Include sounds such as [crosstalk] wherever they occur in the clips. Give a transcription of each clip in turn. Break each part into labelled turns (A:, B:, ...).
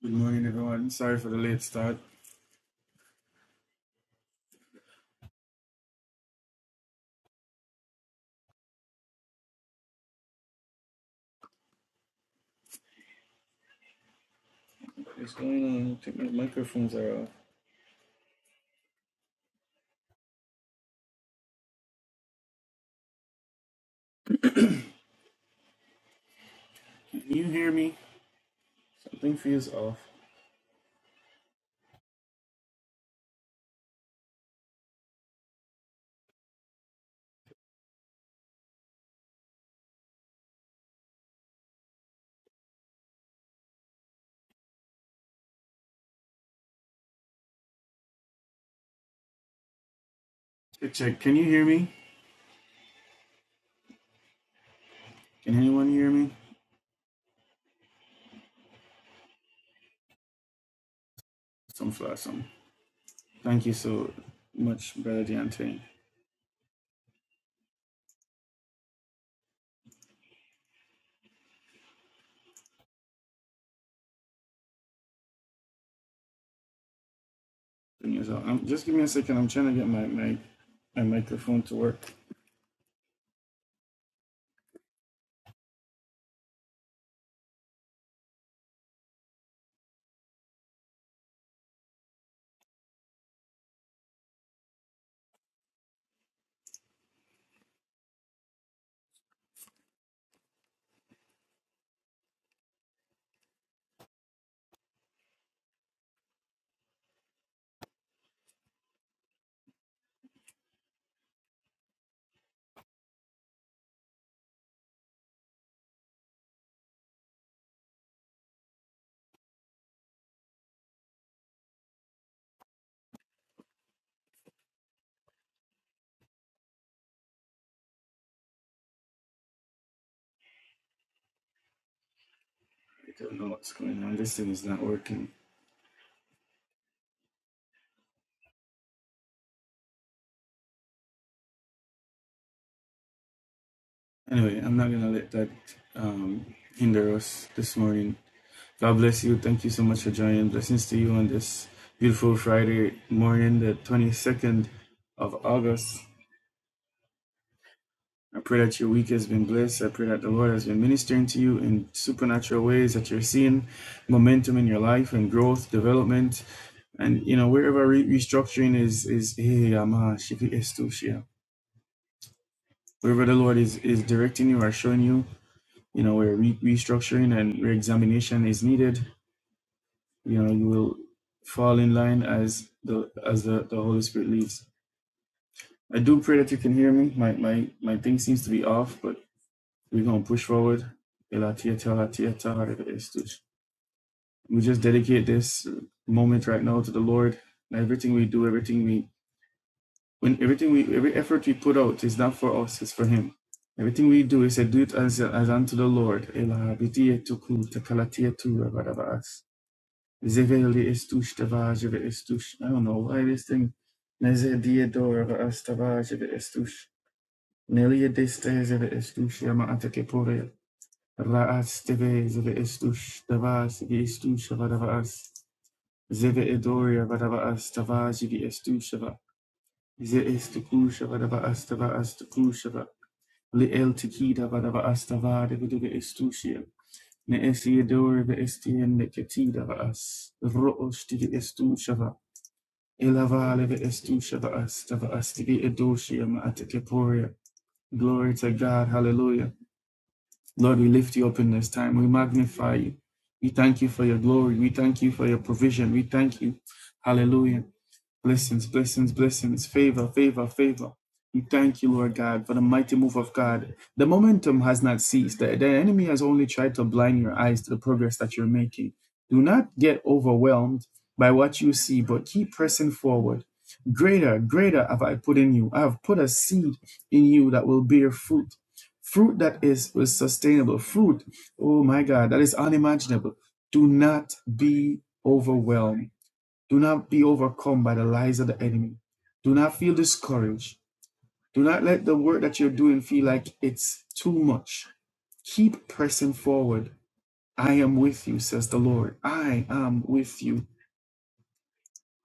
A: Good morning, everyone. Sorry for the late start. What's going on? I think my microphones are off. Can you hear me? Something feels off. Check, check. Can you hear me? Can anyone hear me? Some flash, some. Thank you so much, Brother Deontay. Good news Um, just give me a second. I'm trying to get my, my, my microphone to work. I don't know what's going on. This thing is not working. Anyway, I'm not going to let that um, hinder us this morning. God bless you. Thank you so much for joining. Blessings to you on this beautiful Friday morning, the 22nd of August. I pray that your week has been blessed. I pray that the Lord has been ministering to you in supernatural ways, that you're seeing momentum in your life and growth, development. And, you know, wherever re- restructuring is, is, hey, i estu shia. wherever the Lord is, is directing you or showing you, you know, where re- restructuring and reexamination is needed, you know you will fall in line as the as the, the holy spirit leads i do pray that you can hear me my my my thing seems to be off but we're going to push forward Elatiata, elatiata, harerestush. we just dedicate this moment right now to the lord and everything we do everything we when everything we every effort we put out is not for us it's for him everything we do is said do it as as unto the lord Zeveli estustava jeve estush. I don't know why this thing. Neze diador of astava jeve estush. Nelia deste zeve estush yama atake pore. La asteve zeve estush. Dava sivi estush vadava as. Zeve edoria vadava astava jivi estushava. Ze estukusha vadava astava astukushava. Li el tikida vadava astava devedeve estushia. Ne esiador ve estien neketida vas. Ro ostivi estushava. Ilavale the Estusha the Us, to the Astidi Edoshia Ma'atekeporia. Glory to God. Hallelujah. Lord, we lift you up in this time. We magnify you. We thank you for your glory. We thank you for your provision. We thank you. Hallelujah. Blessings, blessings, blessings, favor, favor, favor. We thank you, Lord God, for the mighty move of God. The momentum has not ceased. The, the enemy has only tried to blind your eyes to the progress that you're making. Do not get overwhelmed by what you see, but keep pressing forward. Greater, greater have I put in you. I have put a seed in you that will bear fruit. Fruit that is, is sustainable. Fruit, oh my God, that is unimaginable. Do not be overwhelmed do not be overcome by the lies of the enemy. Do not feel discouraged. Do not let the work that you're doing feel like it's too much. Keep pressing forward. I am with you, says the Lord. I am with you.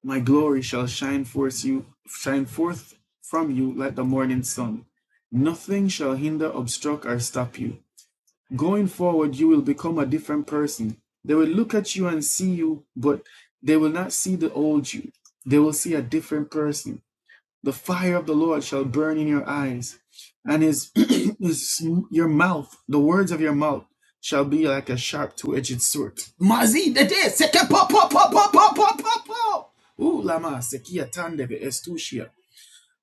A: My glory shall shine forth you, shine forth from you like the morning sun. Nothing shall hinder, obstruct, or stop you. Going forward, you will become a different person. They will look at you and see you, but they will not see the old you. They will see a different person The fire of the Lord shall burn in your eyes, and his, [clears throat] his your mouth, the words of your mouth shall be like a sharp two-edged sword. Mazi de de, seke po po po po po po po po. Ooh, lama sekia tandeve estushia.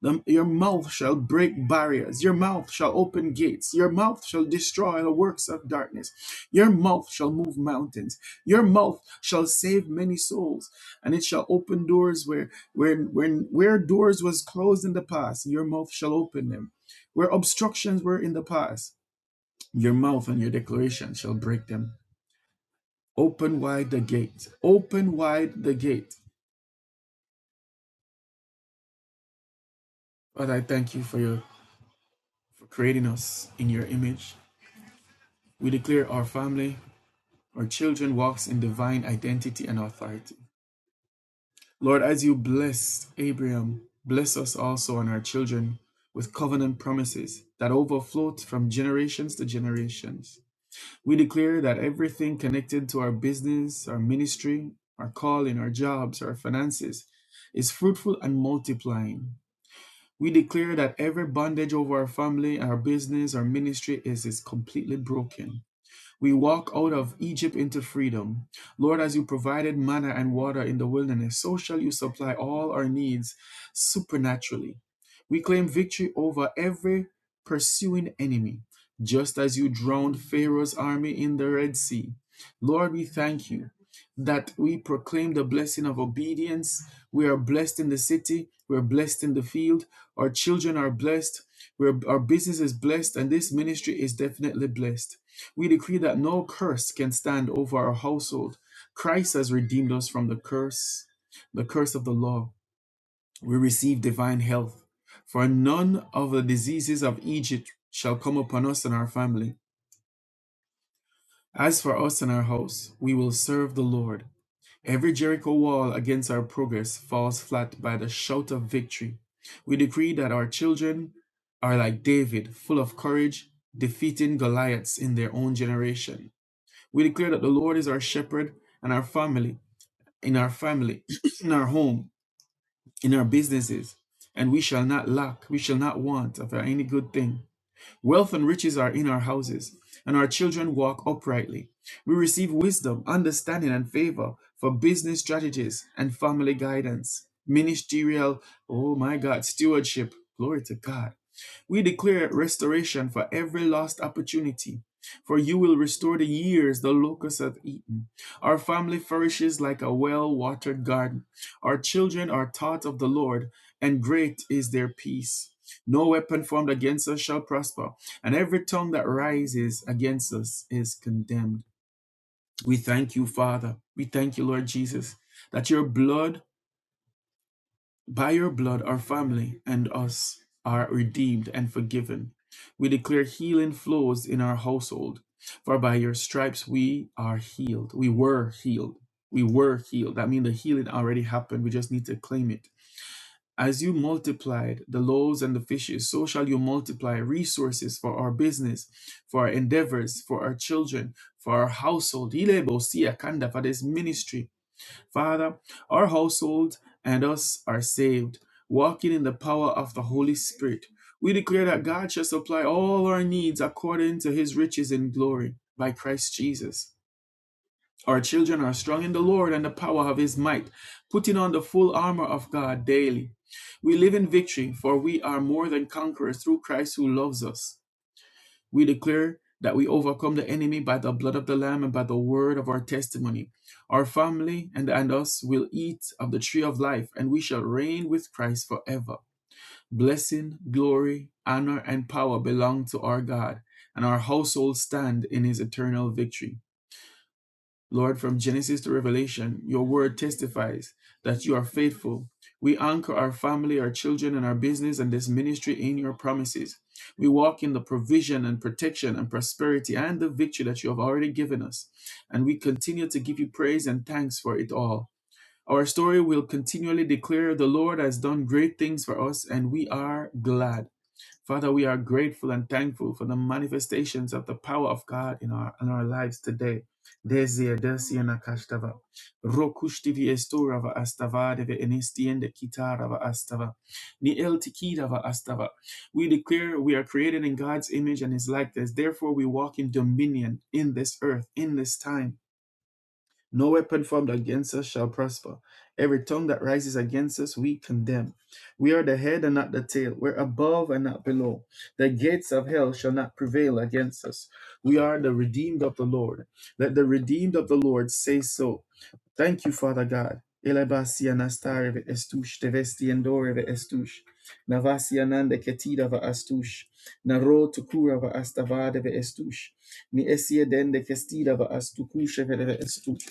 A: The- your mouth shall break barriers. Your mouth shall open gates. Your mouth shall destroy the works of darkness. Your mouth shall move mountains. Your mouth shall save many souls, and it shall open doors where where where, where doors was closed in the past. Your mouth shall open them. Where obstructions were in the past, your mouth and your declaration shall break them. Open wide the gate. Open wide the gate. Father, I thank you for your for creating us in your image. We declare our family. our children walks in divine identity and authority. Lord, as you blessed Abraham, bless us also and our children with covenant promises that overflow from generations to generations. We declare that everything connected to our business, our ministry, our calling, our jobs, our finances is fruitful and multiplying. We declare that every bondage over our family, our business, our ministry is, is completely broken. We walk out of Egypt into freedom. Lord, as you provided manna and water in the wilderness, so shall you supply all our needs supernaturally. We claim victory over every pursuing enemy, just as you drowned Pharaoh's army in the Red Sea. Lord, we thank you that we proclaim the blessing of obedience. We are blessed in the city, we're blessed in the field, our children are blessed, we're, our business is blessed, and this ministry is definitely blessed. We decree that no curse can stand over our household. Christ has redeemed us from the curse, the curse of the law. We receive divine health, for none of the diseases of Egypt shall come upon us and our family. As for us and our house, we will serve the Lord. Every Jericho wall against our progress falls flat by the shout of victory. We decree that our children are like David, full of courage, defeating Goliaths in their own generation. We declare that the Lord is our shepherd and our family, in our family, [clears throat] in our home, in our businesses, and we shall not lack, we shall not want of any good thing. Wealth and riches are in our houses, and our children walk uprightly. We receive wisdom, understanding, and favor for business strategies and family guidance, ministerial, oh my God, stewardship. Glory to God. We declare restoration for every lost opportunity, for you will restore the years the locusts have eaten. Our family flourishes like a well watered garden. Our children are taught of the Lord, and great is their peace. No weapon formed against us shall prosper, and every tongue that rises against us is condemned. We thank you, Father. We thank you, Lord Jesus, that your blood by your blood, our family and us are redeemed and forgiven. We declare healing flows in our household, for by your stripes we are healed. We were healed. We were healed. That means the healing already happened. We just need to claim it. As you multiplied the loaves and the fishes, so shall you multiply resources for our business, for our endeavors, for our children, for our household. Hile bosia kanda, For this ministry, Father, our household and us are saved, walking in the power of the Holy Spirit. We declare that God shall supply all our needs according to his riches in glory by Christ Jesus. Our children are strong in the Lord and the power of his might, putting on the full armor of God daily. We live in victory, for we are more than conquerors through Christ who loves us. We declare that we overcome the enemy by the blood of the Lamb and by the word of our testimony. Our family and, and us will eat of the tree of life, and we shall reign with Christ forever. Blessing, glory, honor, and power belong to our God, and our household stand in his eternal victory. Lord, from Genesis to Revelation, your word testifies that you are faithful. We anchor our family, our children, and our business and this ministry in your promises. We walk in the provision and protection and prosperity and the victory that you have already given us. And we continue to give you praise and thanks for it all. Our story will continually declare the Lord has done great things for us, and we are glad. Father, we are grateful and thankful for the manifestations of the power of God in our in our lives today. Dezia desia nakashtava. Rokushtivi estorava astava deve enestiende kitarava astava. Ni el tikidava astava. We declare we are created in God's image and his likeness. Therefore, we walk in dominion in this earth, in this time. No weapon formed against us shall prosper. Every tongue that rises against us, we condemn. We are the head and not the tail. We're above and not below. The gates of hell shall not prevail against us. We are the redeemed of the Lord. Let the redeemed of the Lord say so. Thank you, Father God. Elebasi anastareve estush, tevesti endoreve estush. Navasi anande ketidava astush. Naro tukurava astavadeve estush. Ni esie kestidava astukusheve estush.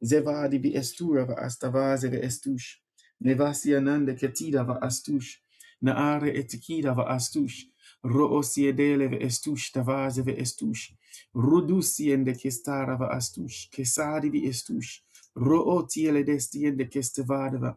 A: Zevadi bi estura va astavaze ve estush. Nevasi ananda ketida va astush. Naare etikida va astush. Roosiedele ve estush tavaze ve estush. Rudusiende kestara va astush. Kesadi vi estush. Rootiele destiende kestevade va.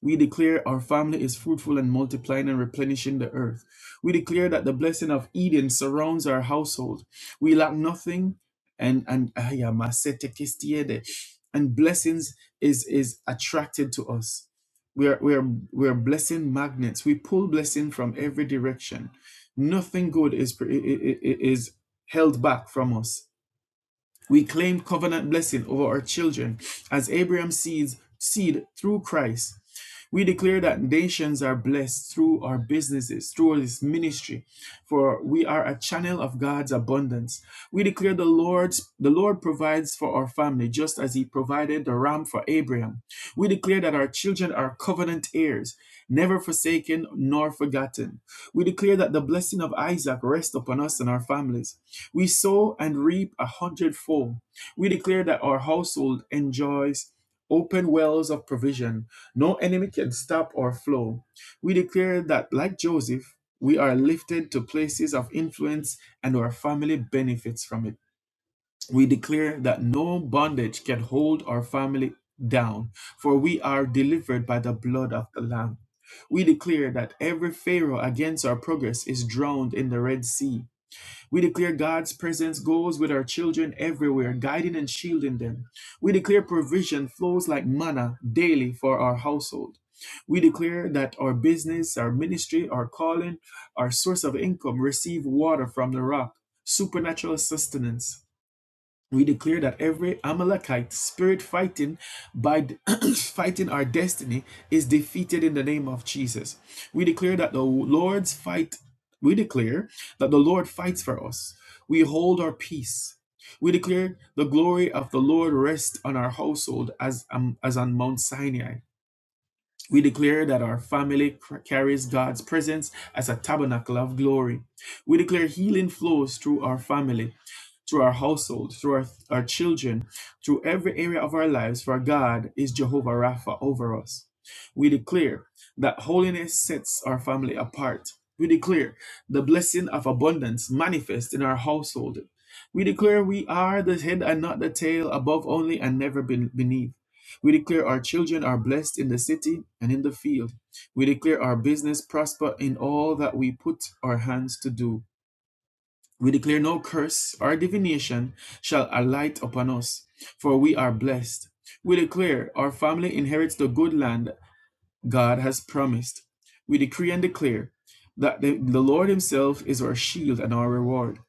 A: We declare our family is fruitful and multiplying and replenishing the earth. We declare that the blessing of Eden surrounds our household. We lack nothing and and aya, masete kistiede. and blessings is is attracted to us. We are, we, are, we are blessing magnets. We pull blessing from every direction. Nothing good is, is, is held back from us we claim covenant blessing over our children as Abraham's seeds, seed through Christ. We declare that nations are blessed through our businesses, through this ministry, for we are a channel of God's abundance. We declare the Lord's the Lord provides for our family just as he provided the ram for Abraham. We declare that our children are covenant heirs, never forsaken nor forgotten. We declare that the blessing of Isaac rests upon us and our families. We sow and reap a hundredfold. We declare that our household enjoys open wells of provision. No enemy can stop our flow. We declare that, like Joseph, we are lifted to places of influence and our family benefits from it. We declare that no bondage can hold our family down, for we are delivered by the blood of the Lamb. We declare that every Pharaoh against our progress is drowned in the Red Sea. We declare God's presence goes with our children everywhere, guiding and shielding them. We declare provision flows like manna daily for our household. We declare that our business, our ministry, our calling, our source of income receive water from the rock, supernatural sustenance we declare that every Amalekite spirit fighting by [clears throat] fighting our destiny is defeated in the name of Jesus. We declare that the Lord's fight, we declare that the Lord fights for us. We hold our peace. We declare the glory of the Lord rest on our household as, um, as on Mount Sinai. We declare that our family carries God's presence as a tabernacle of glory. We declare healing flows through our family, through our household, through our, our children, through every area of our lives, for God is Jehovah Rapha over us. We declare that holiness sets our family apart. We declare the blessing of abundance manifest in our household. We declare we are the head and not the tail, above only and never be- beneath. We declare our children are blessed in the city and in the field. We declare our business prosper in all that we put our hands to do. We declare no curse or divination shall alight upon us, for we are blessed. We declare our family inherits the good land God has promised. We decree and declare that the, the Lord Himself is our shield and our reward.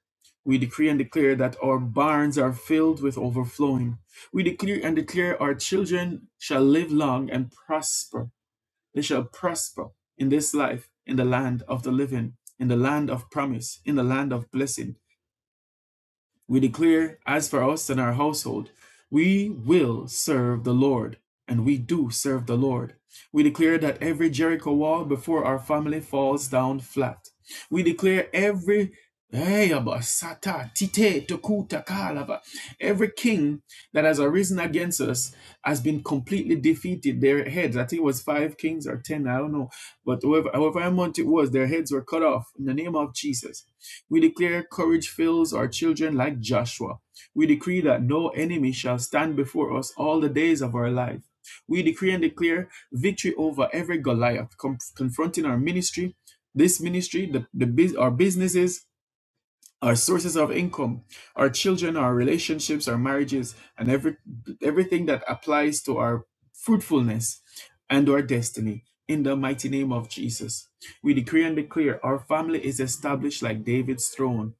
A: We decree and declare that our barns are filled with overflowing. We decree and declare our children shall live long and prosper. They shall prosper in this life, in the land of the living, in the land of promise, in the land of blessing. We declare, as for us and our household, we will serve the Lord, and we do serve the Lord. We declare that every Jericho wall before our family falls down flat. We declare every Hey, Every king that has arisen against us has been completely defeated. Their heads, I think it was five kings or ten, I don't know. But however, however amount it was, their heads were cut off in the name of Jesus. We declare courage fills our children like Joshua. We decree that no enemy shall stand before us all the days of our life. We decree and declare victory over every Goliath com- confronting our ministry, this ministry, the, the bus- our businesses, our sources of income, our children, our relationships, our marriages, and every everything that applies to our fruitfulness and our destiny. In the mighty name of Jesus, we decree and declare our family is established like David's throne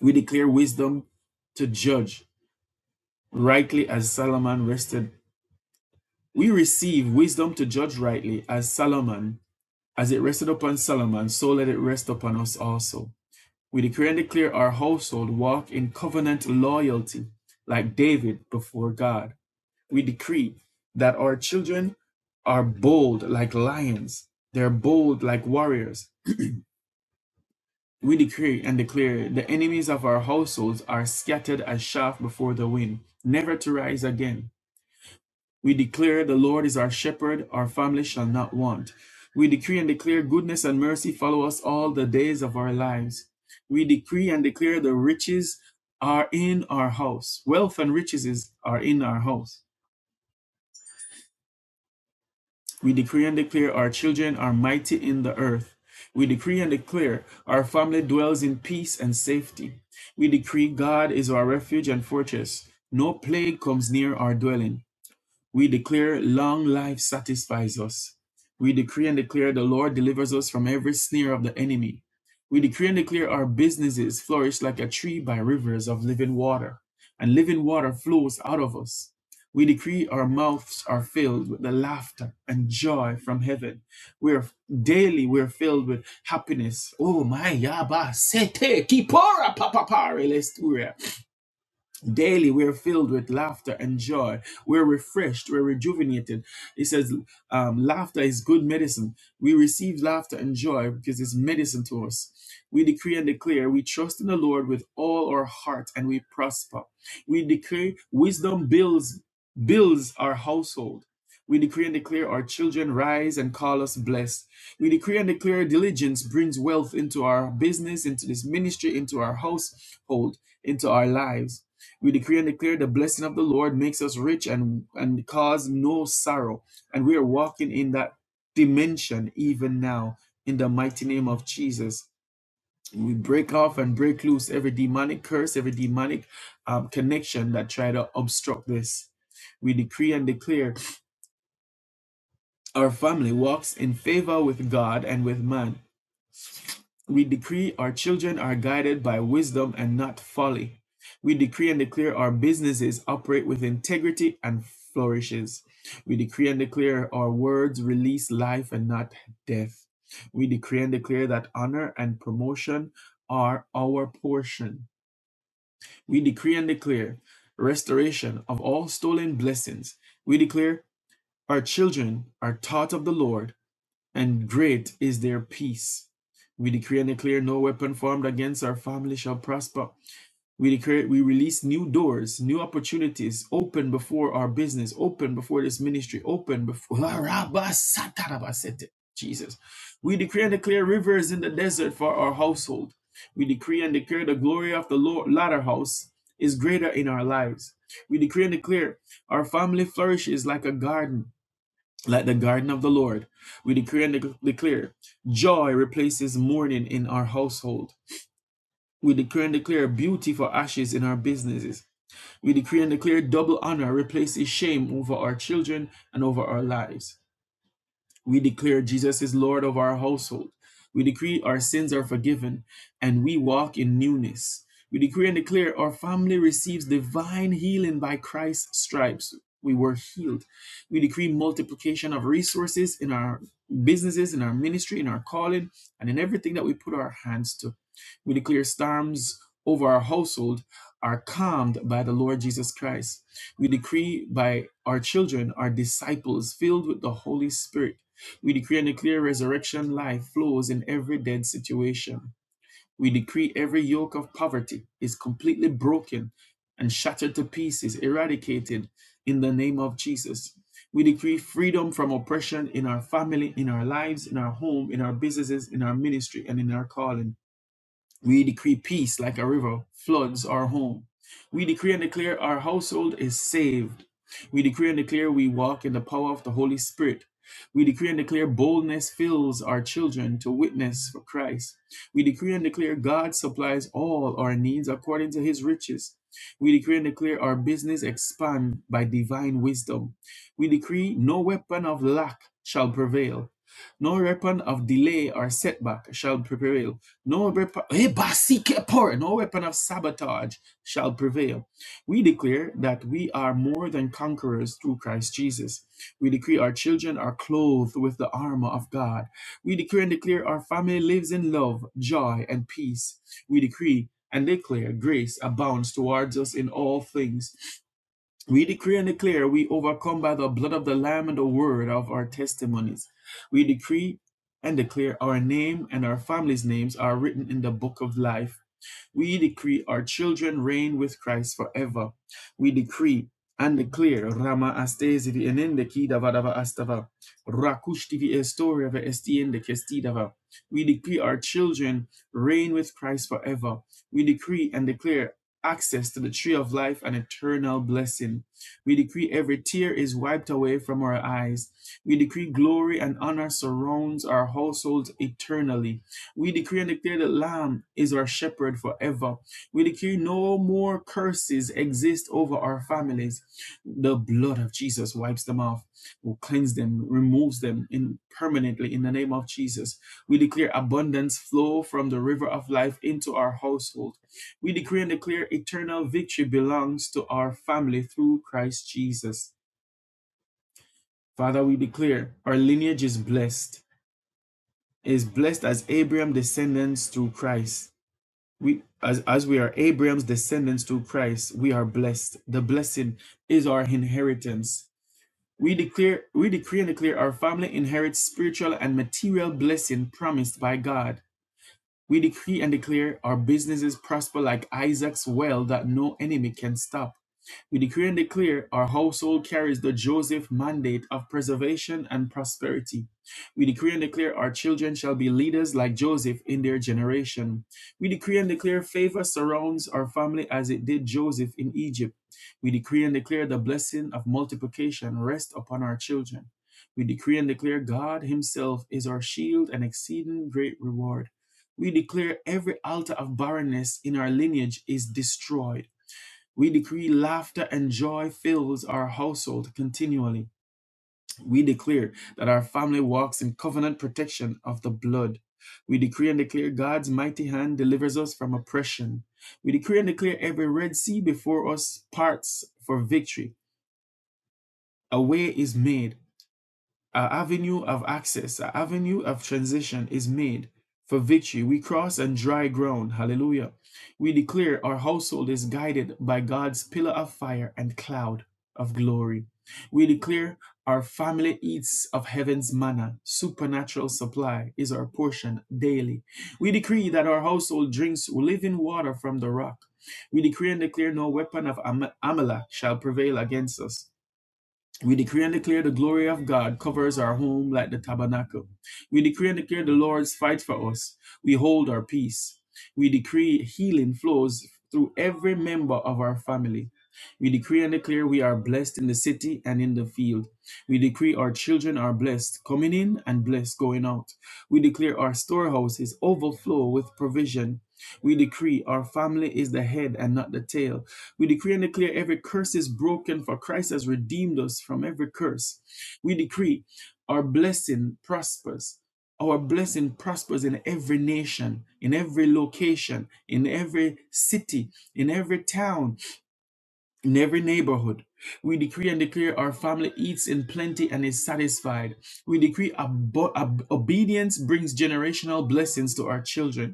A: we declare wisdom to judge rightly as Solomon rested. We receive wisdom to judge rightly as Solomon, as it rested upon Solomon, so let it rest upon us also. We declare and declare our household walk in covenant loyalty, like David before God. We decree that our children are bold like lions, they're bold like warriors. We decree and declare the enemies of our households are scattered as chaff before the wind, never to rise again. We declare the Lord is our shepherd, our family shall not want. We decree and declare goodness and mercy follow us all the days of our lives. We decree and declare the riches are in our house. Wealth and riches is, are in our house. We decree and declare our children are mighty in the earth. We decree and declare our family dwells in peace and safety. We decree God is our refuge and fortress. No plague comes near our dwelling. We declare long life satisfies us. We decree and declare the Lord delivers us from every snare of the enemy. We decree and declare our businesses flourish like a tree by rivers of living water, and living water flows out of us. We decree our mouths are filled with the laughter and joy from heaven. We're daily we're filled with happiness. Oh my yaba sete kipora papapare Daily, we are filled with laughter and joy. We're refreshed. We're rejuvenated. It says, um, laughter is good medicine. We receive laughter and joy because it's medicine to us. We decree and declare, we trust in the Lord with all our heart and we prosper. We declare wisdom builds, builds our household. We decree and declare our children rise and call us blessed. We decree and declare diligence brings wealth into our business, into this ministry, into our household, into our lives. We decree and declare the blessing of the Lord makes us rich and, and cause no sorrow. And we are walking in that dimension even now in the mighty name of Jesus. We break off and break loose every demonic curse, every demonic um, connection that try to obstruct this. We decree and declare our family walks in favor with God and with man. We decree our children are guided by wisdom and not folly. We decree and declare our businesses operate with integrity and flourishes. We decree and declare our words release life and not death. We decree and declare that honor and promotion are our portion. We decree and declare restoration of all stolen blessings. We declare our children are taught of the Lord and great is their peace. We decree and declare no weapon formed against our family shall prosper. We declare we release new doors, new opportunities open before our business, open before this ministry, open before [laughs] Rabasatarabasete. Jesus. We decree and declare rivers in the desert for our household. We decree and declare the glory of the Lord latter house is greater in our lives. We decree and declare our family flourishes like a garden like the garden of the Lord. We decree and dec- declare joy replaces mourning in our household. We decree and declare beauty for ashes in our businesses. We decree and declare double honor replaces shame over our children and over our lives. We declare Jesus is Lord of our household. We decree our sins are forgiven and we walk in newness. We decree and declare our family receives divine healing by Christ's stripes. We were healed. We decree multiplication of resources in our businesses, in our ministry, in our calling, and in everything that we put our hands to. We declare storms over our household are calmed by the Lord Jesus Christ. We decree by our children our disciples filled with the Holy Spirit. We decree and declare resurrection life flows in every dead situation. We decree every yoke of poverty is completely broken and shattered to pieces, eradicated in the name of Jesus. We decree freedom from oppression in our family, in our lives, in our home, in our businesses, in our ministry, and in our calling. We decree peace like a river floods our home. We decree and declare our household is saved. We decree and declare we walk in the power of the Holy Spirit. We decree and declare boldness fills our children to witness for Christ. We decree and declare God supplies all our needs according to his riches. We decree and declare our business expand by divine wisdom. We decree no weapon of lack shall prevail. No weapon of delay or setback shall prevail no weapon, eh, no weapon of sabotage shall prevail. We declare that we are more than conquerors through Christ Jesus. We decree our children are clothed with the armor of God. We decree and declare our family lives in love, joy, and peace. We decree and declare grace abounds towards us in all things. We decree and declare we overcome by the blood of the Lamb and the word of our testimonies. We decree and declare our name and our family's names are written in the book of life. We decree our children reign with Christ forever. We decree and declare Rama astesivi enende kidava dava astava. Rakushtivi estoriava estiende kestidava. We decree our children reign with Christ forever. We decree and declare access to the tree of life and eternal blessing. We decree every tear is wiped away from our eyes. We decree glory and honor surrounds our households eternally. We decree and declare that Lamb is our shepherd forever. We decree no more curses exist over our families. The blood of Jesus wipes them off, will cleanse them, removes them in permanently in the name of Jesus. We declare abundance flow from the river of life into our household. We decree and declare eternal victory belongs to our family through Christ Jesus. Father, we declare our lineage is blessed, is blessed as Abraham descendants through Christ. we as as we are Abraham's descendants through Christ, we are blessed. The blessing is our inheritance. We declare we decree and declare our family inherits spiritual and material blessing promised by God. We decree and declare our businesses prosper like Isaac's well that no enemy can stop. We decree and declare our household carries the Joseph mandate of preservation and prosperity. We decree and declare our children shall be leaders like Joseph in their generation. We decree and declare favor surrounds our family as it did Joseph in Egypt. We decree and declare the blessing of multiplication rest upon our children. We decree and declare God Himself is our shield and exceeding great reward. We declare every altar of barrenness in our lineage is destroyed. We decree laughter and joy fills our household continually. We declare that our family walks in covenant protection of the blood. We decree and declare God's mighty hand delivers us from oppression. We decree and declare every Red Sea before us parts for victory. A way is made. Our avenue of access, our avenue of transition is made for victory. We cross on dry ground. Hallelujah. We declare our household is guided by God's pillar of fire and cloud of glory. We declare our family eats of heaven's manna. Supernatural supply is our portion daily. We decree that our household drinks living water from the rock. We decree and declare no weapon of Am- Amalek shall prevail against us. We decree and declare the glory of God covers our home like the tabernacle. We decree and declare the Lord's fight for us. We hold our peace. We decree healing flows through every member of our family. We decree and declare we are blessed in the city and in the field. We decree our children are blessed, coming in and blessed going out. We declare our storehouses overflow with provision. We decree our family is the head and not the tail. We decree and declare every curse is broken, for Christ has redeemed us from every curse. We decree our blessing prospers. Our blessing prospers in every nation, in every location, in every city, in every town, in every neighborhood. We decree and declare our family eats in plenty and is satisfied. We decree abo- ob- obedience brings generational blessings to our children.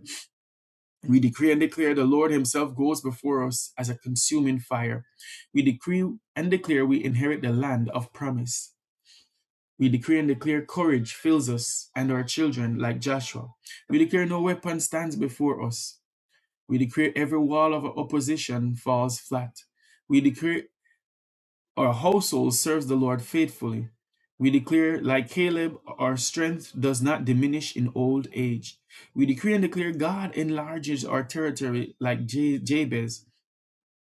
A: We decree and declare the Lord Himself goes before us as a consuming fire. We decree and declare we inherit the land of promise. We decree and declare courage fills us and our children like Joshua. We declare no weapon stands before us. We declare every wall of opposition falls flat. We declare our household serves the Lord faithfully. We declare, like Caleb, our strength does not diminish in old age. We decree and declare God enlarges our territory like Ja- Jabez.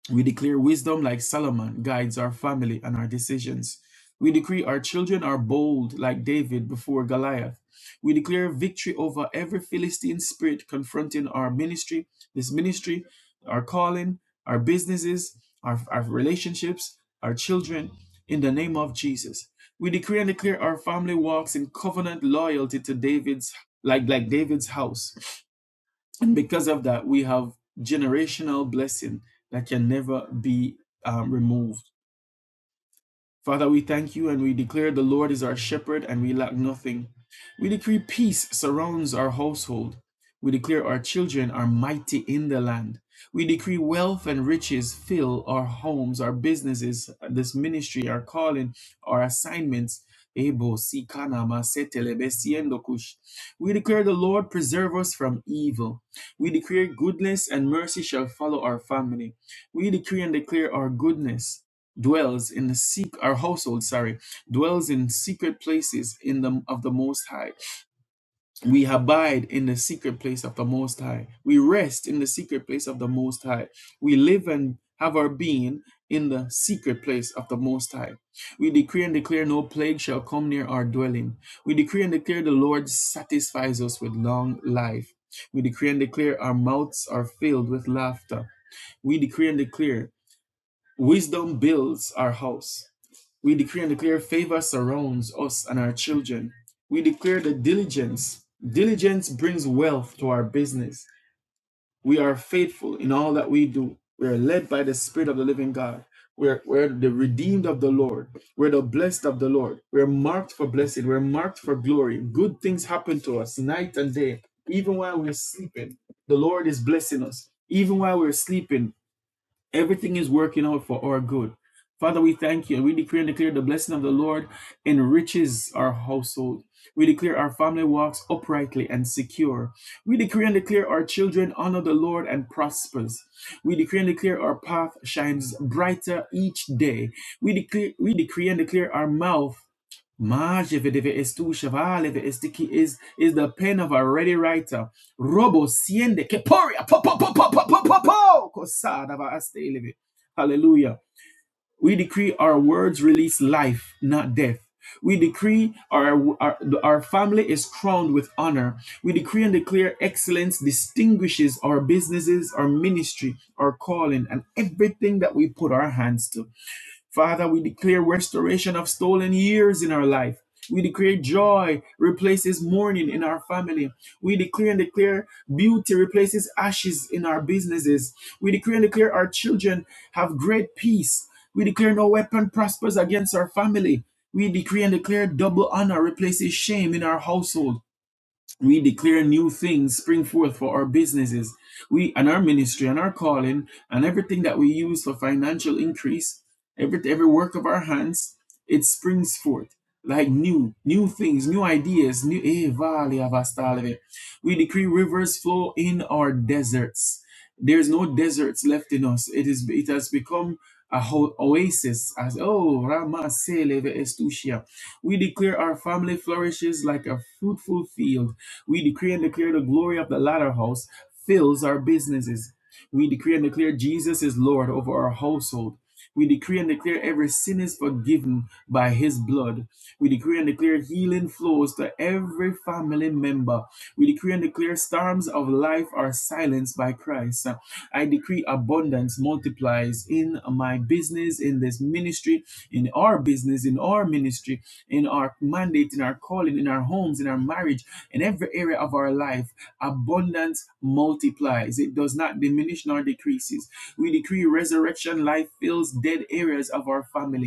A: We declare wisdom like Solomon guides our family and our decisions. We decree our children are bold like David before Goliath. We declare victory over every Philistine spirit confronting our ministry, this ministry, our calling, our businesses, our, our relationships, our children, in the name of Jesus. We decree and declare our family walks in covenant loyalty to David's like like David's house. And because of that, we have generational blessing that can never be um, removed. Father, we thank you and we declare the Lord is our shepherd and we lack nothing. We decree peace surrounds our household. We declare our children are mighty in the land. We decree wealth and riches fill our homes, our businesses, this ministry, our calling, our assignments. Ebo, si, kana, ma, se, tele, siendo, kush. We declare the Lord preserve us from evil. We declare goodness and mercy shall follow our family. We decree and declare our goodness dwells in the secret our household sorry dwells in secret places in the of the most high we abide in the secret place of the most high we rest in the secret place of the most high we live and have our being in the secret place of the most high we decree and declare no plague shall come near our dwelling we decree and declare the lord satisfies us with long life we decree and declare our mouths are filled with laughter we decree and declare wisdom builds our house we decree and declare favor surrounds us and our children. We declare the diligence. Diligence brings wealth to our business. We are faithful in all that we do. We are led by the Spirit of the living God. We're, we're the redeemed of the Lord. We're the blessed of the Lord. We're marked for blessing. We're marked for glory. Good things happen to us night and day. Even while we're sleeping, the Lord is blessing us. Even while we're sleeping, Everything is working out for our good. Father, we thank you. and We decree and declare the blessing of the Lord enriches our household. We declare our family walks uprightly and secure. We decree and declare our children honor the Lord and prospers. We decree and declare our path shines brighter each day. We decree, we decree and declare our mouth Majevedive es tu is is the pen of a ready writer. Robo siende keporia. po po po po po po po po Kosada va aste Hallelujah. We decree our words release life, not death. We decree our, our our family is crowned with honor. We decree and declare excellence distinguishes our businesses, our ministry, our calling, and everything that we put our hands to. Father, we declare restoration of stolen years in our life. We declare joy replaces mourning in our family. We declare and declare beauty replaces ashes in our businesses. We declare and declare our children have great peace. We declare no weapon prospers against our family. We decree and declare double honor replaces shame in our household. We declare new things spring forth for our businesses, we and our ministry and our calling and everything that we use for financial increase, every every work of our hands, it springs forth like new, new things, new ideas, new eh, vale avastaleve. We decree rivers flow in our deserts. There's no deserts left in us. It is it has become a ho- oasis as oh Rama Seleve Estusia. We declare our family flourishes like a fruitful field we decree and declare the glory of the latter house fills our businesses. We decree and declare Jesus is Lord over our household. We decree and declare every sin is forgiven by his blood. We decree and declare healing flows to every family member. We decree and declare storms of life are silenced by Christ. I decree abundance multiplies in my business, in this ministry, in our business, in our ministry, in our mandate, in our calling, in our homes, in our marriage in every area of our life, abundance multiplies. It does not diminish nor decreases. We decree resurrection life fills dead areas of our family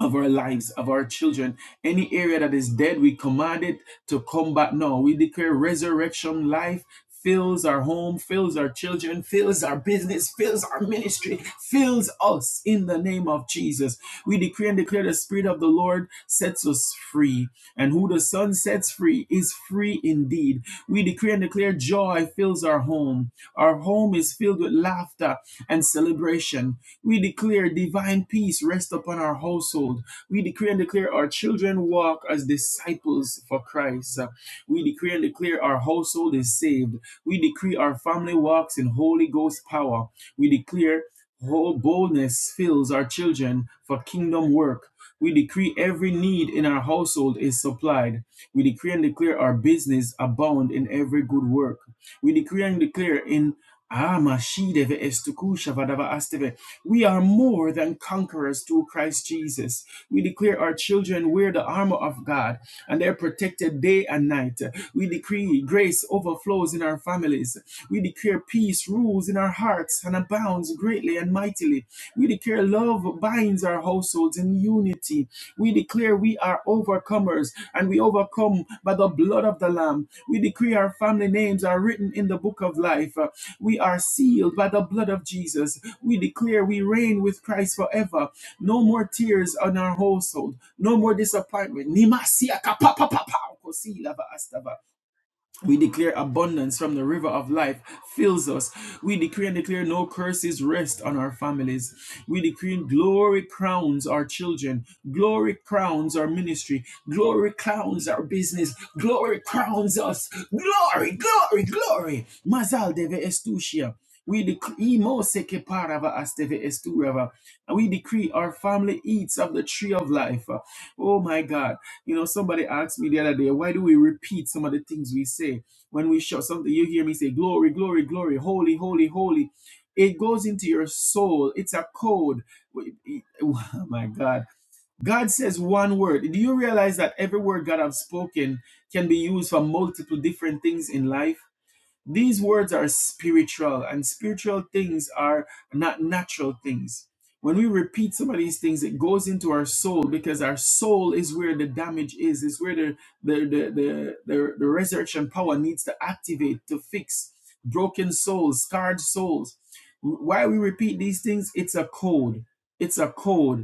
A: of our lives, of our children. Any area that is dead, we command it to come back. No, we declare resurrection life fills our home, fills our children, fills our business, fills our ministry, fills us in the name of Jesus. We decree and declare the Spirit of the Lord sets us free. And who the Son sets free is free indeed. We decree and declare joy fills our home. Our home is filled with laughter and celebration. We declare divine peace rest upon our household. We decree and declare our children walk as disciples for Christ. We decree and declare our household is saved. We decree our family walks in Holy Ghost power. We declare whole boldness fills our children for kingdom work. We decree every need in our household is supplied. We decree and declare our business abound in every good work. We decree and declare in Ah, Mashideve Estukusha Vadava Asteve. We are more than conquerors through Christ Jesus. We declare our children wear the armor of God and they're protected day and night. We decree grace overflows in our families. We declare peace rules in our hearts and abounds greatly and mightily mightily. We declare love binds our households in unity. We declare we are overcomers and we overcome by the blood of the Lamb. We decree our family names are written in the book of life. Uh, We are sealed by the blood of Jesus. We declare we reign with Christ forever. No more tears on our household. No more disappointment. Nimasiaka pa pa pa pa. We declare abundance from the river of life fills us. We decree and declare no curses rest on our families. We decree glory crowns our children. Glory crowns our ministry. Glory crowns our business. Glory crowns us. Glory, glory, glory. Mazal deve estushia. We decree mo seke parava asteve esturava. And we decree our family eats of the tree of life. Oh my God. You know, somebody asked me the other day, why do we repeat some of the things we say when we shout something? You hear me say, glory, glory, glory, holy, holy, holy. It goes into your soul. It's a code. [laughs] Oh my God. God says one word. Do you realize that every word God has spoken can be used for multiple different things in life? These words are spiritual, and spiritual things are not natural things. When we repeat some of these things, it goes into our soul because our soul is where the damage is, is where the, the, the, the, the, the resurrection power needs to activate to fix broken souls, scarred souls. Why we repeat these things, it's a code. It's a code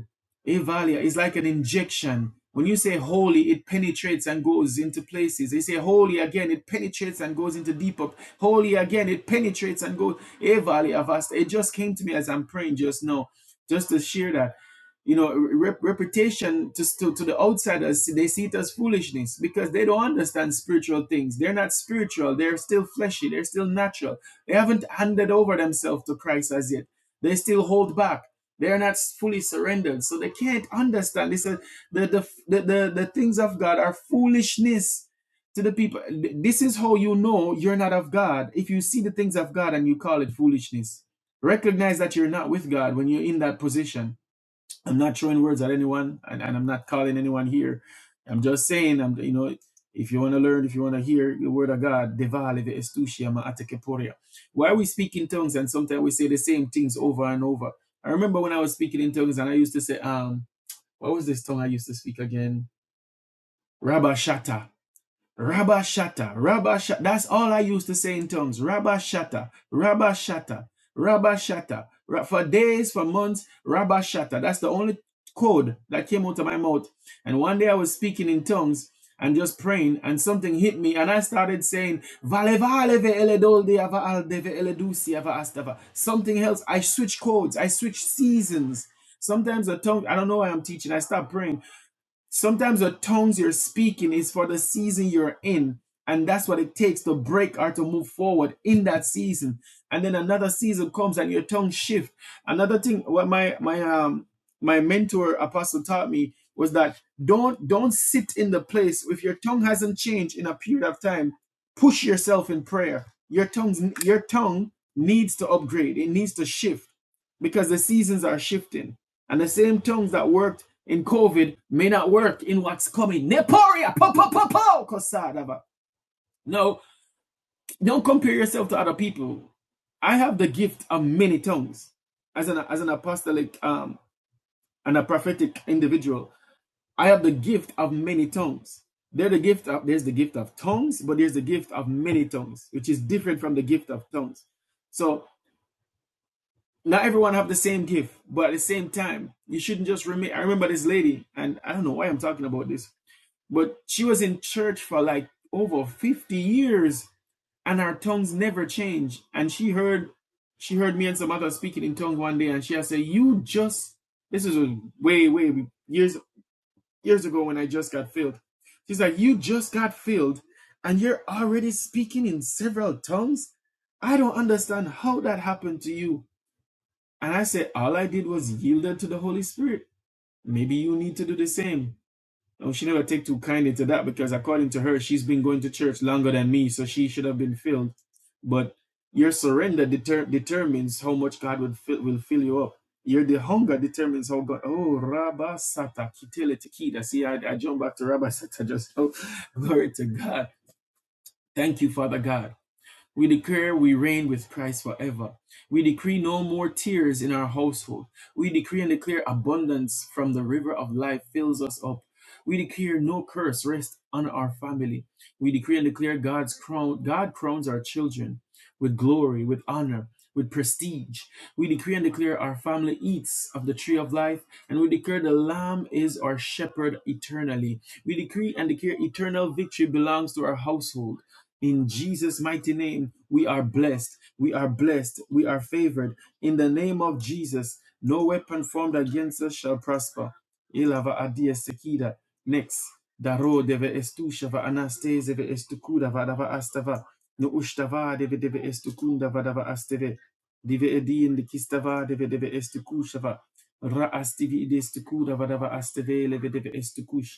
A: Evalia is like an injection. When you say holy, it penetrates and goes into places. They say holy again, it penetrates and goes into deeper. Holy again, it penetrates and goes. Evalia vasta. It just came to me as I'm praying just now, just to share that. You know, rep- reputation to, to, to the outsiders, they see it as foolishness because they don't understand spiritual things. They're not spiritual. They're still fleshy. They're still natural. They haven't handed over themselves to Christ as yet. They still hold back they are not fully surrendered, so they can't understand. This is- the, the, the, the, the things of God are foolishness to the people. This is how you know you're not of God. If you see the things of God and you call it foolishness, recognize that you're not with God when you're in that position I'm not throwing words at anyone, and, and I'm not calling anyone here. I'm just saying, I'm you know, if you want to learn, if you want to hear the word of God, Why we speak in tongues and sometimes we say the same things over and over. I remember when I was speaking in tongues and I used to say, um, what was this tongue I used to speak again? Rabashata. Rabba Shatta, Rabba Shatta. That's all I used to say in tongues. Rabba Shatta, Rabba Shatta, Rabba Shatta. For days, for months, Rabba Shatta. That's the only code that came out of my mouth. And one day I was speaking in tongues and just praying, and something hit me, and I started saying, Vale vale ve ele dolde ava aldeve ele dusi ava astava. Something else. I switch codes. I switch seasons. Sometimes the tongue, I don't know why I'm teaching. I stop praying. Sometimes the tongues you're speaking is for the season you're in. And that's what it takes to break or to move forward in that season. And then another season comes and your tongue shift. Another thing what my my um my mentor apostle taught me was that don't don't sit in the place if your tongue hasn't changed in a period of time, push yourself in prayer. Your tongue's your tongue needs to upgrade, it needs to shift because the seasons are shifting and the same tongues that worked in COVID may not work in what's coming. Neporia, po, po, po, po, kosadaba. No, don't compare yourself to other people. I have the gift of many tongues as an as an apostolic um and a prophetic individual. I have the gift of many tongues. There's the gift of there's the gift of tongues, but there's the gift of many tongues, which is different from the gift of tongues. So not everyone have the same gift, but at the same time, you shouldn't just remain. I remember this lady, and I don't know why I'm talking about this, but she was in church for like over 50 years, and her tongues never changed. And she heard, she heard me and some others speaking in tongues one day, and she had said, "You just this is way, way years years ago when I just got filled." She's like, "You just got filled, and you're already speaking in several tongues. I don't understand how that happened to you." And I said, all I did was yielded to the Holy Spirit. Maybe you need to do the same. Oh, she never take too kindly to that because according to her, she's been going to church longer than me, so she should have been filled. But your surrender deter- determines how much God will fill, will fill you up. Your the hunger determines how God. Oh, Rabba Sata Kitele Tikida. See, I, I jump back to Rabba Sata just. Oh, [laughs] glory to God. Thank you, Father God. We declare we reign with Christ forever. We decree no more tears in our household. We decree and declare abundance from the river of life fills us up. We declare no curse rest on our family. We decree and declare God's crown, God crowns our children with glory, with honor, with prestige. We decree and declare our family eats of the tree of life, and we declare the Lamb is our shepherd eternally. We decree and declare eternal victory belongs to our household. In Jesus' mighty name, we are blessed. We are blessed. We are favored. In the name of Jesus, no weapon formed against us shall prosper. Ilava adia sekida. Next. Daro deve estushava anastase estukuda vadava astava. No ushtava deve deve estukunda vadava asteve. Dive edin likistava deve deve estukushava. Ra astivi idestukuda vadava asteve leve deve estukush.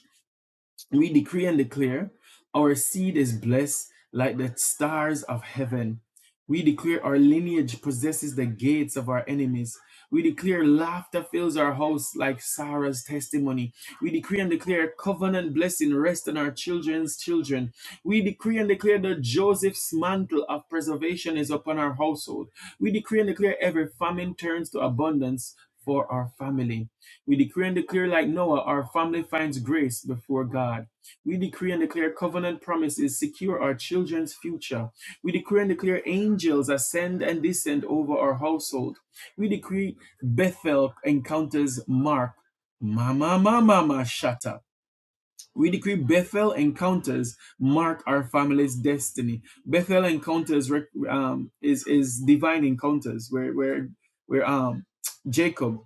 A: We decree and declare our seed is blessed like the stars of heaven. We declare our lineage possesses the gates of our enemies. We declare laughter fills our house like Sarah's testimony. We decree and declare covenant blessing rest on our children's children. We decree and declare that Joseph's mantle of preservation is upon our household. We decree and declare every famine turns to abundance for our family. We decree and declare, like Noah, our family finds grace before God. We decree and declare covenant promises secure our children's future. We decree and declare angels ascend and descend over our household. We decree Bethel encounters Mark. Mama, mama, mama, shut up. We decree Bethel encounters mark our family's destiny. Bethel encounters rec- um, is is divine encounters where where where um Jacob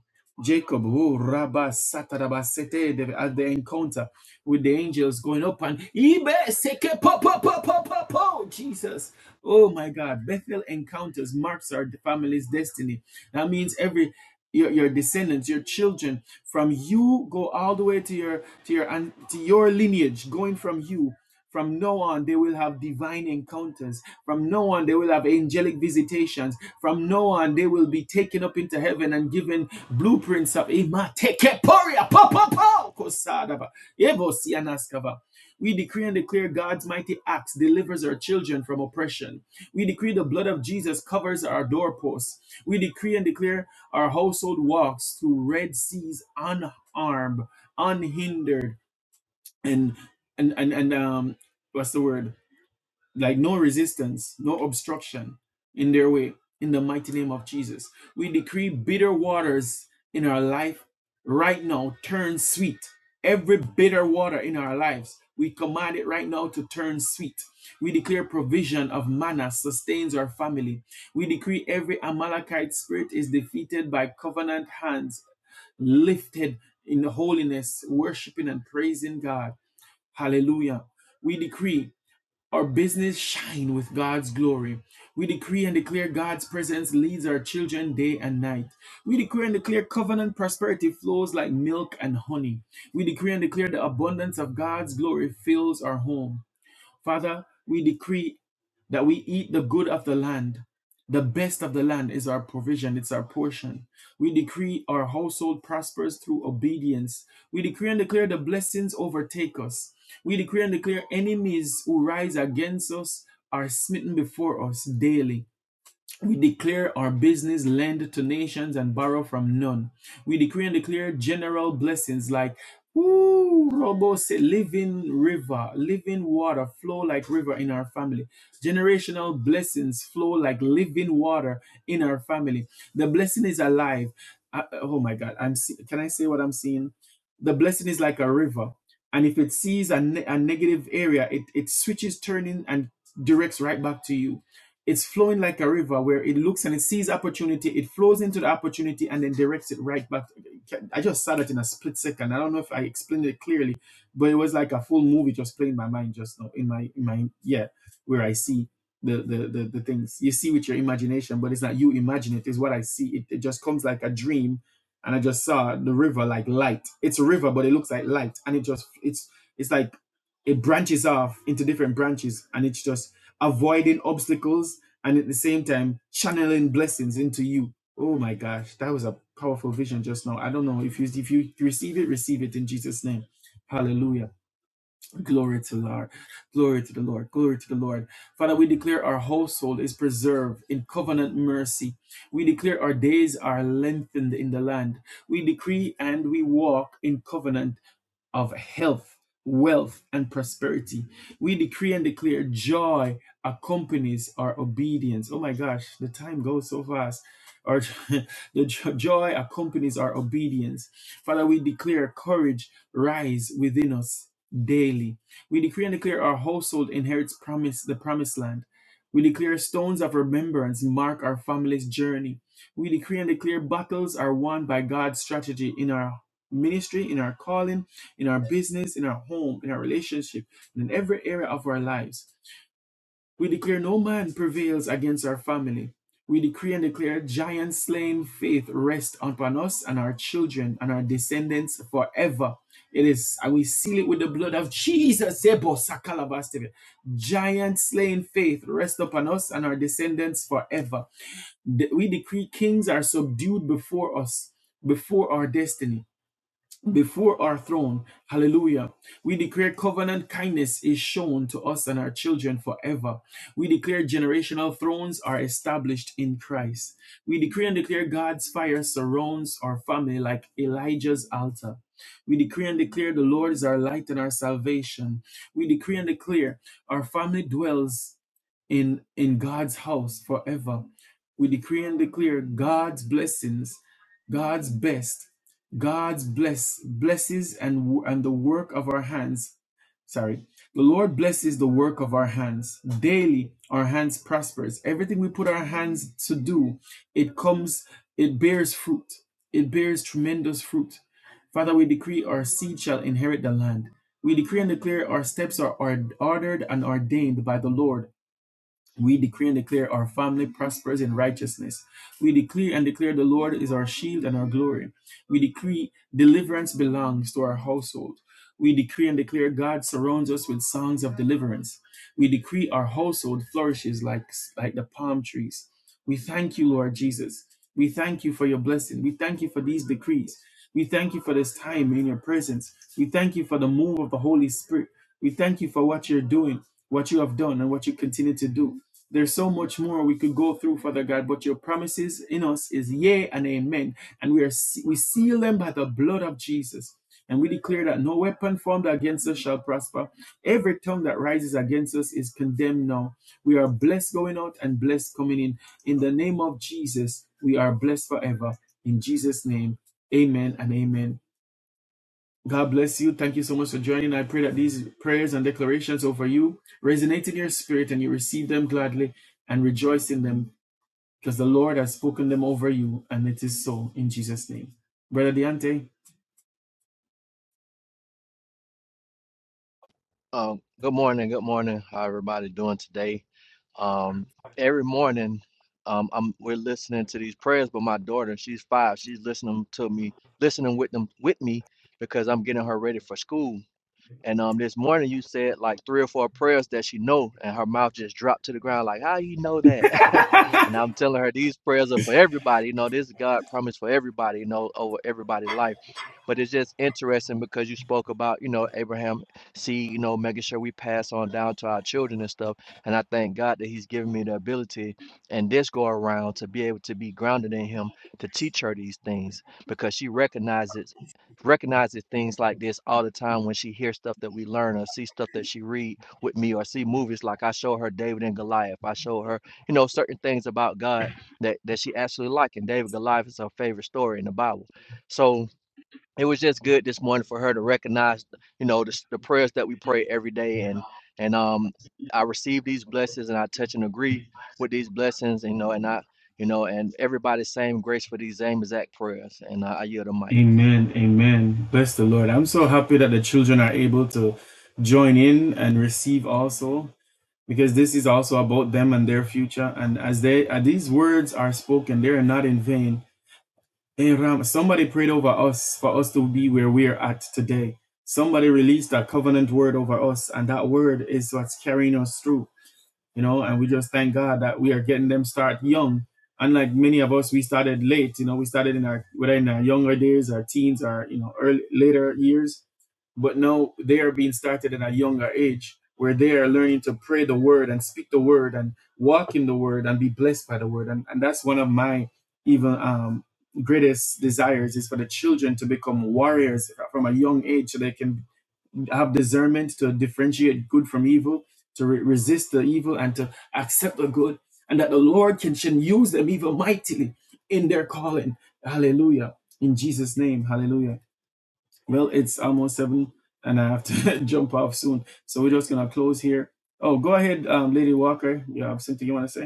A: Jacob who Rabba Sataraba Sete at the encounter with the angels going up and Ibe Seke po po po po po po Jesus. Oh my God, Bethel encounters marks our family's destiny. That means every your, your descendants your children from you go all the way to your to your and to your lineage going from you from now on they will have divine encounters from now on they will have angelic visitations from now on they will be taken up into heaven and given blueprints of Imatekeporia, po, po, po, kosadaba, evosianaskava. we decree and declare God's mighty acts delivers our children from oppression. We decree the blood of Jesus covers our doorposts. We decree and declare our household walks through red seas unharmed, unhindered, and and and, and um what's the word? like no resistance, no obstruction in their way, in the mighty name of Jesus. We decree bitter waters in our life right now turn sweet. Every bitter water in our lives, we command it right now to turn sweet. We declare provision of manna sustains our family. We decree every Amalekite spirit is defeated by covenant hands lifted in holiness, worshiping and praising God. Hallelujah. We decree our business shine with God's glory. We decree and declare God's presence leads our children day and night. We decree and declare covenant prosperity flows like milk and honey. We decree and declare the abundance of God's glory fills our home. Father, we decree that we eat the good of the land. The best of the land is our provision, it's our portion. We decree our household prospers through obedience. We decree and declare the blessings overtake us. We decree and declare enemies who rise against us are smitten before us daily. We declare our business, lend to nations, and borrow from none. We decree and declare general blessings like, ooh, Robo say, living river, living water flow like river in our family. Generational blessings flow like living water in our family. The blessing is alive. Uh, oh my God, I'm. See- can I say what I'm seeing? The blessing is like a river, and if it sees a, ne- a negative area, it it switches turning and directs right back to you it's flowing like a river where it looks and it sees opportunity, it flows into the opportunity and then directs it right back. I just saw that in a split second. I don't know if I explained it clearly, but it was like a full movie just playing in my mind just now in my in my yeah, where I see the, the the the things you see with your imagination, but it's not you imagine it, it's what I see. It, it just comes like a dream. And I just saw the river like light. It's a river, but it looks like light. And it just it's it's like it branches off into different branches and it's just avoiding obstacles and at the same time channeling blessings into you. Oh my gosh, that was a powerful vision just now. I don't know if you if you receive it, receive it in Jesus' name. Hallelujah. Glory to the Lord. Glory to the Lord. Glory to the Lord. Father, we declare our household is preserved in covenant mercy. We declare our days are lengthened in the land. We decree and we walk in covenant of health, wealth, and prosperity. We decree and declare joy accompanies our obedience. Oh my gosh, the time goes so fast. Our [laughs] the jo- joy accompanies our obedience. Father, we declare courage rise within us daily. We decree and declare our household inherits promise the promised land. We declare stones of remembrance mark our family's journey. We decree and declare battles are won by God's strategy in our ministry, in our calling, in our business, in our home, in our relationship, and in every area of our lives. We declare no man prevails against our family. We decree and declare giant slaying faith rest upon us and our children and our descendants forever. It is, and we seal it with the blood of Jesus. Sebo sakalabastebe. Giant slaying faith rest upon us and our descendants forever. De- We decree kings are subdued before us, before our destiny before our throne. Hallelujah. We declare covenant kindness is shown to us and our children forever. We declare generational thrones are established in Christ. We decree and declare God's fire surrounds our family like Elijah's altar. We decree and declare the Lord is our light and our salvation. We decree and declare our family dwells in in God's house forever. We decree and declare God's blessings, God's best, God's bless blesses and and the work of our hands. Sorry. The Lord blesses the work of our hands. Daily our hands prospers. Everything we put our hands to do, it comes it bears fruit. It bears tremendous fruit. Father, we decree our seed shall inherit the land. We decree and declare our steps are ord- ordered and ordained by the Lord. We decree and declare our family prospers in righteousness. We decree and declare the Lord is our shield and our glory. We decree deliverance belongs to our household. We decree and declare God surrounds us with songs of deliverance. We decree our household flourishes like, like the palm trees. We thank you, Lord Jesus. We thank you for your blessing. We thank you for these decrees. We thank you for this time in your presence. We thank you for the move of the Holy Spirit. We thank you for what you're doing, what you have done, and what you continue to do. There's so much more we could go through, Father God, but your promises in us is yea and amen. And we are we seal them by the blood of Jesus. And we declare that no weapon formed against us shall prosper. Every tongue that rises against us is condemned now. We are blessed going out and blessed coming in. In the name of Jesus, we are blessed forever. In Jesus' name, amen and amen. God bless you. Thank you so much for joining. I pray that these prayers and declarations over you resonate in your spirit and you receive them gladly and rejoice in them because the Lord has spoken them over you and it is so in Jesus' name. Brother Deante.
B: Um, good morning, good morning. How everybody doing today? Um, every morning, um, I'm we're listening to these prayers, but my daughter, she's five, she's listening to me, listening with them with me because I'm getting her ready for school. And um, this morning you said like three or four prayers that she know, and her mouth just dropped to the ground. Like, how you know that? [laughs] and I'm telling her these prayers are for everybody. You know, this is God promise for everybody. You know, over everybody's life. But it's just interesting because you spoke about you know Abraham seed. You know, making sure we pass on down to our children and stuff. And I thank God that He's given me the ability and this go around to be able to be grounded in Him to teach her these things because she recognizes recognizes things like this all the time when she hears stuff that we learn or see stuff that she read with me or see movies like I show her David and Goliath. I show her, you know, certain things about God that that she actually like. And David Goliath is her favorite story in the Bible. So it was just good this morning for her to recognize, you know, the, s- the prayers that we pray every day and and um I receive these blessings and I touch and agree with these blessings, you know, and I you know, and everybody same grace for these same exact prayers. And I, I yield the mic.
A: Amen. Amen. Bless the Lord. I'm so happy that the children are able to join in and receive also because this is also about them and their future. And as they as these words are spoken, they are not in vain And Ram, somebody prayed over us for us to be where we're at today. Somebody released a covenant word over us, and that word is what's carrying us through you know, and we just thank God that we are getting them start young. Unlike many of us, we started late. You know, we started in our whether in our younger days, our teens, our you know early later years. But now they are being started at a younger age, where they are learning to pray the word and speak the word and walk in the word and be blessed by the word. And and that's one of my even um, greatest desires is for the children to become warriors from a young age, so they can have discernment to differentiate good from evil, to re- resist the evil and to accept the good, and that the Lord can, can use them even mightily in their calling. Hallelujah. In Jesus' name. Hallelujah. Well, it's almost seven and I have to [laughs] jump off soon. So we're just gonna close here. Oh, go ahead, um, Lady Walker. You have something you want to say?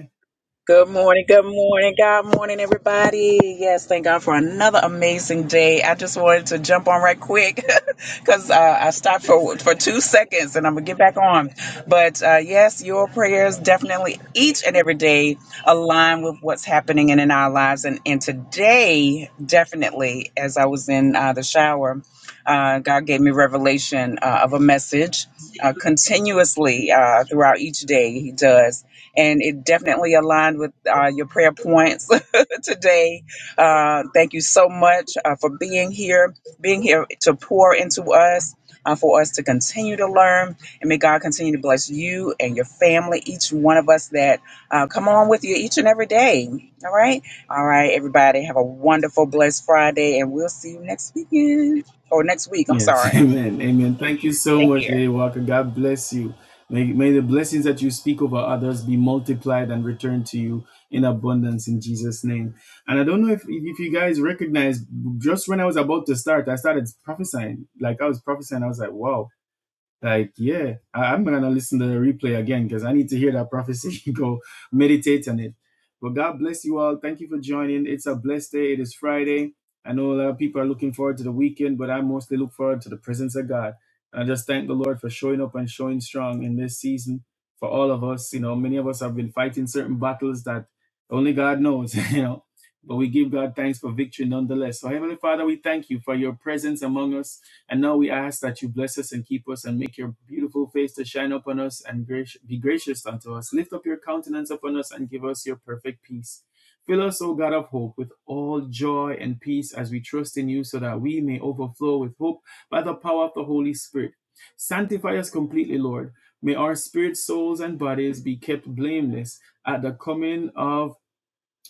C: Good morning, good morning, God morning, everybody. Yes, thank God for another amazing day. I just wanted to jump on right quick [laughs] because uh, I stopped for for two seconds and I'm gonna get back on. But uh, yes, your prayers definitely each and every day align with what's happening in, in our lives. And and today, definitely, as I was in uh, the shower, uh, God gave me revelation uh, of a message uh, continuously uh, throughout each day. He does and it definitely aligned with uh, your prayer points [laughs] today. Uh, thank you so much uh, for being here, being here to pour into us, uh, for us to continue to learn, and may God continue to bless you and your family, each one of us that uh, come on with you each and every day. All right, all right, everybody, have a wonderful, blessed Friday, and we'll see you next weekend or next week. I'm
A: Yes, [laughs]
C: sorry.
A: amen. Amen. Thank you so
C: Take
A: much,
C: care.
A: Lady Walker. God bless you. May, may the blessings that you speak over others be multiplied and returned to you in abundance in Jesus' name. And I don't know if, if if you guys recognize, just when I was about to start, I started prophesying. Like I was prophesying, I was like, wow, like, yeah, I, I'm gonna listen to the replay again because I need to hear that prophecy. [laughs] Go meditate on it. But God bless you all. Thank you for joining. It's a blessed day. It is Friday. I know a lot of people are looking forward to the weekend, but I mostly look forward to the presence of God. And I just thank the Lord for showing up and showing strong in this season for all of us. You know, many of us have been fighting certain battles that only God knows, [laughs] you know. But we give God thanks for victory nonetheless. So, Heavenly Father, we thank you for your presence among us. And now we ask that you bless us and keep us and make your beautiful face to shine upon us and grac- be gracious unto us. Lift up your countenance upon us and give us your perfect peace. Fill us, O God of hope, with all joy and peace as we trust in you, so that we may overflow with hope by the power of the Holy Spirit. Sanctify us completely, Lord. May our spirit, souls, and bodies be kept blameless at the coming of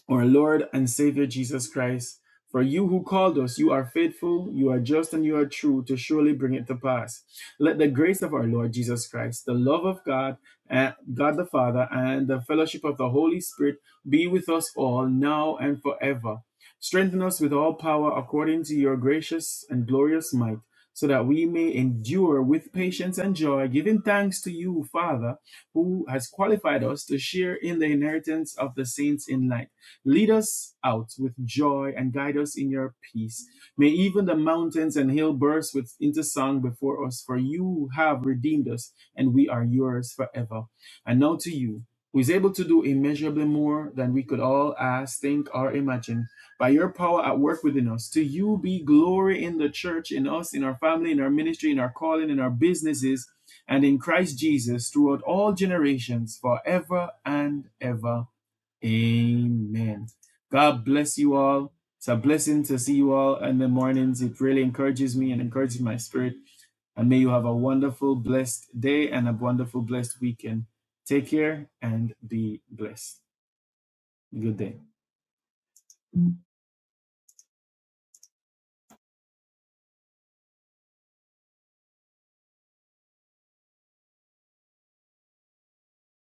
A: our Lord and Savior Jesus Christ. For you who called us, you are faithful, you are just, and you are true to surely bring it to pass. Let the grace of our Lord Jesus Christ, the love of God, and God the Father, and the fellowship of the Holy Spirit be with us all now and forever. Strengthen us with all power according to your gracious and glorious might, so that we may endure with patience and joy, giving thanks to you, Father, who has qualified us to share in the inheritance of the saints in light Lead us out with joy and guide us in your peace. May even the mountains and hill burst with into song before us, for you have redeemed us, and we are yours forever. And now to you, who is able to do immeasurably more than we could all ask, think, or imagine, by your power at work within us. To you be glory in the church, in us, in our family, in our ministry, in our calling, in our businesses, and in Christ Jesus throughout all generations, forever and ever. Amen. God bless you all. It's a blessing to see you all in the mornings. It really encourages me and encourages my spirit. And may you have a wonderful, blessed day and a wonderful, blessed weekend. Take care and be blessed. Good day.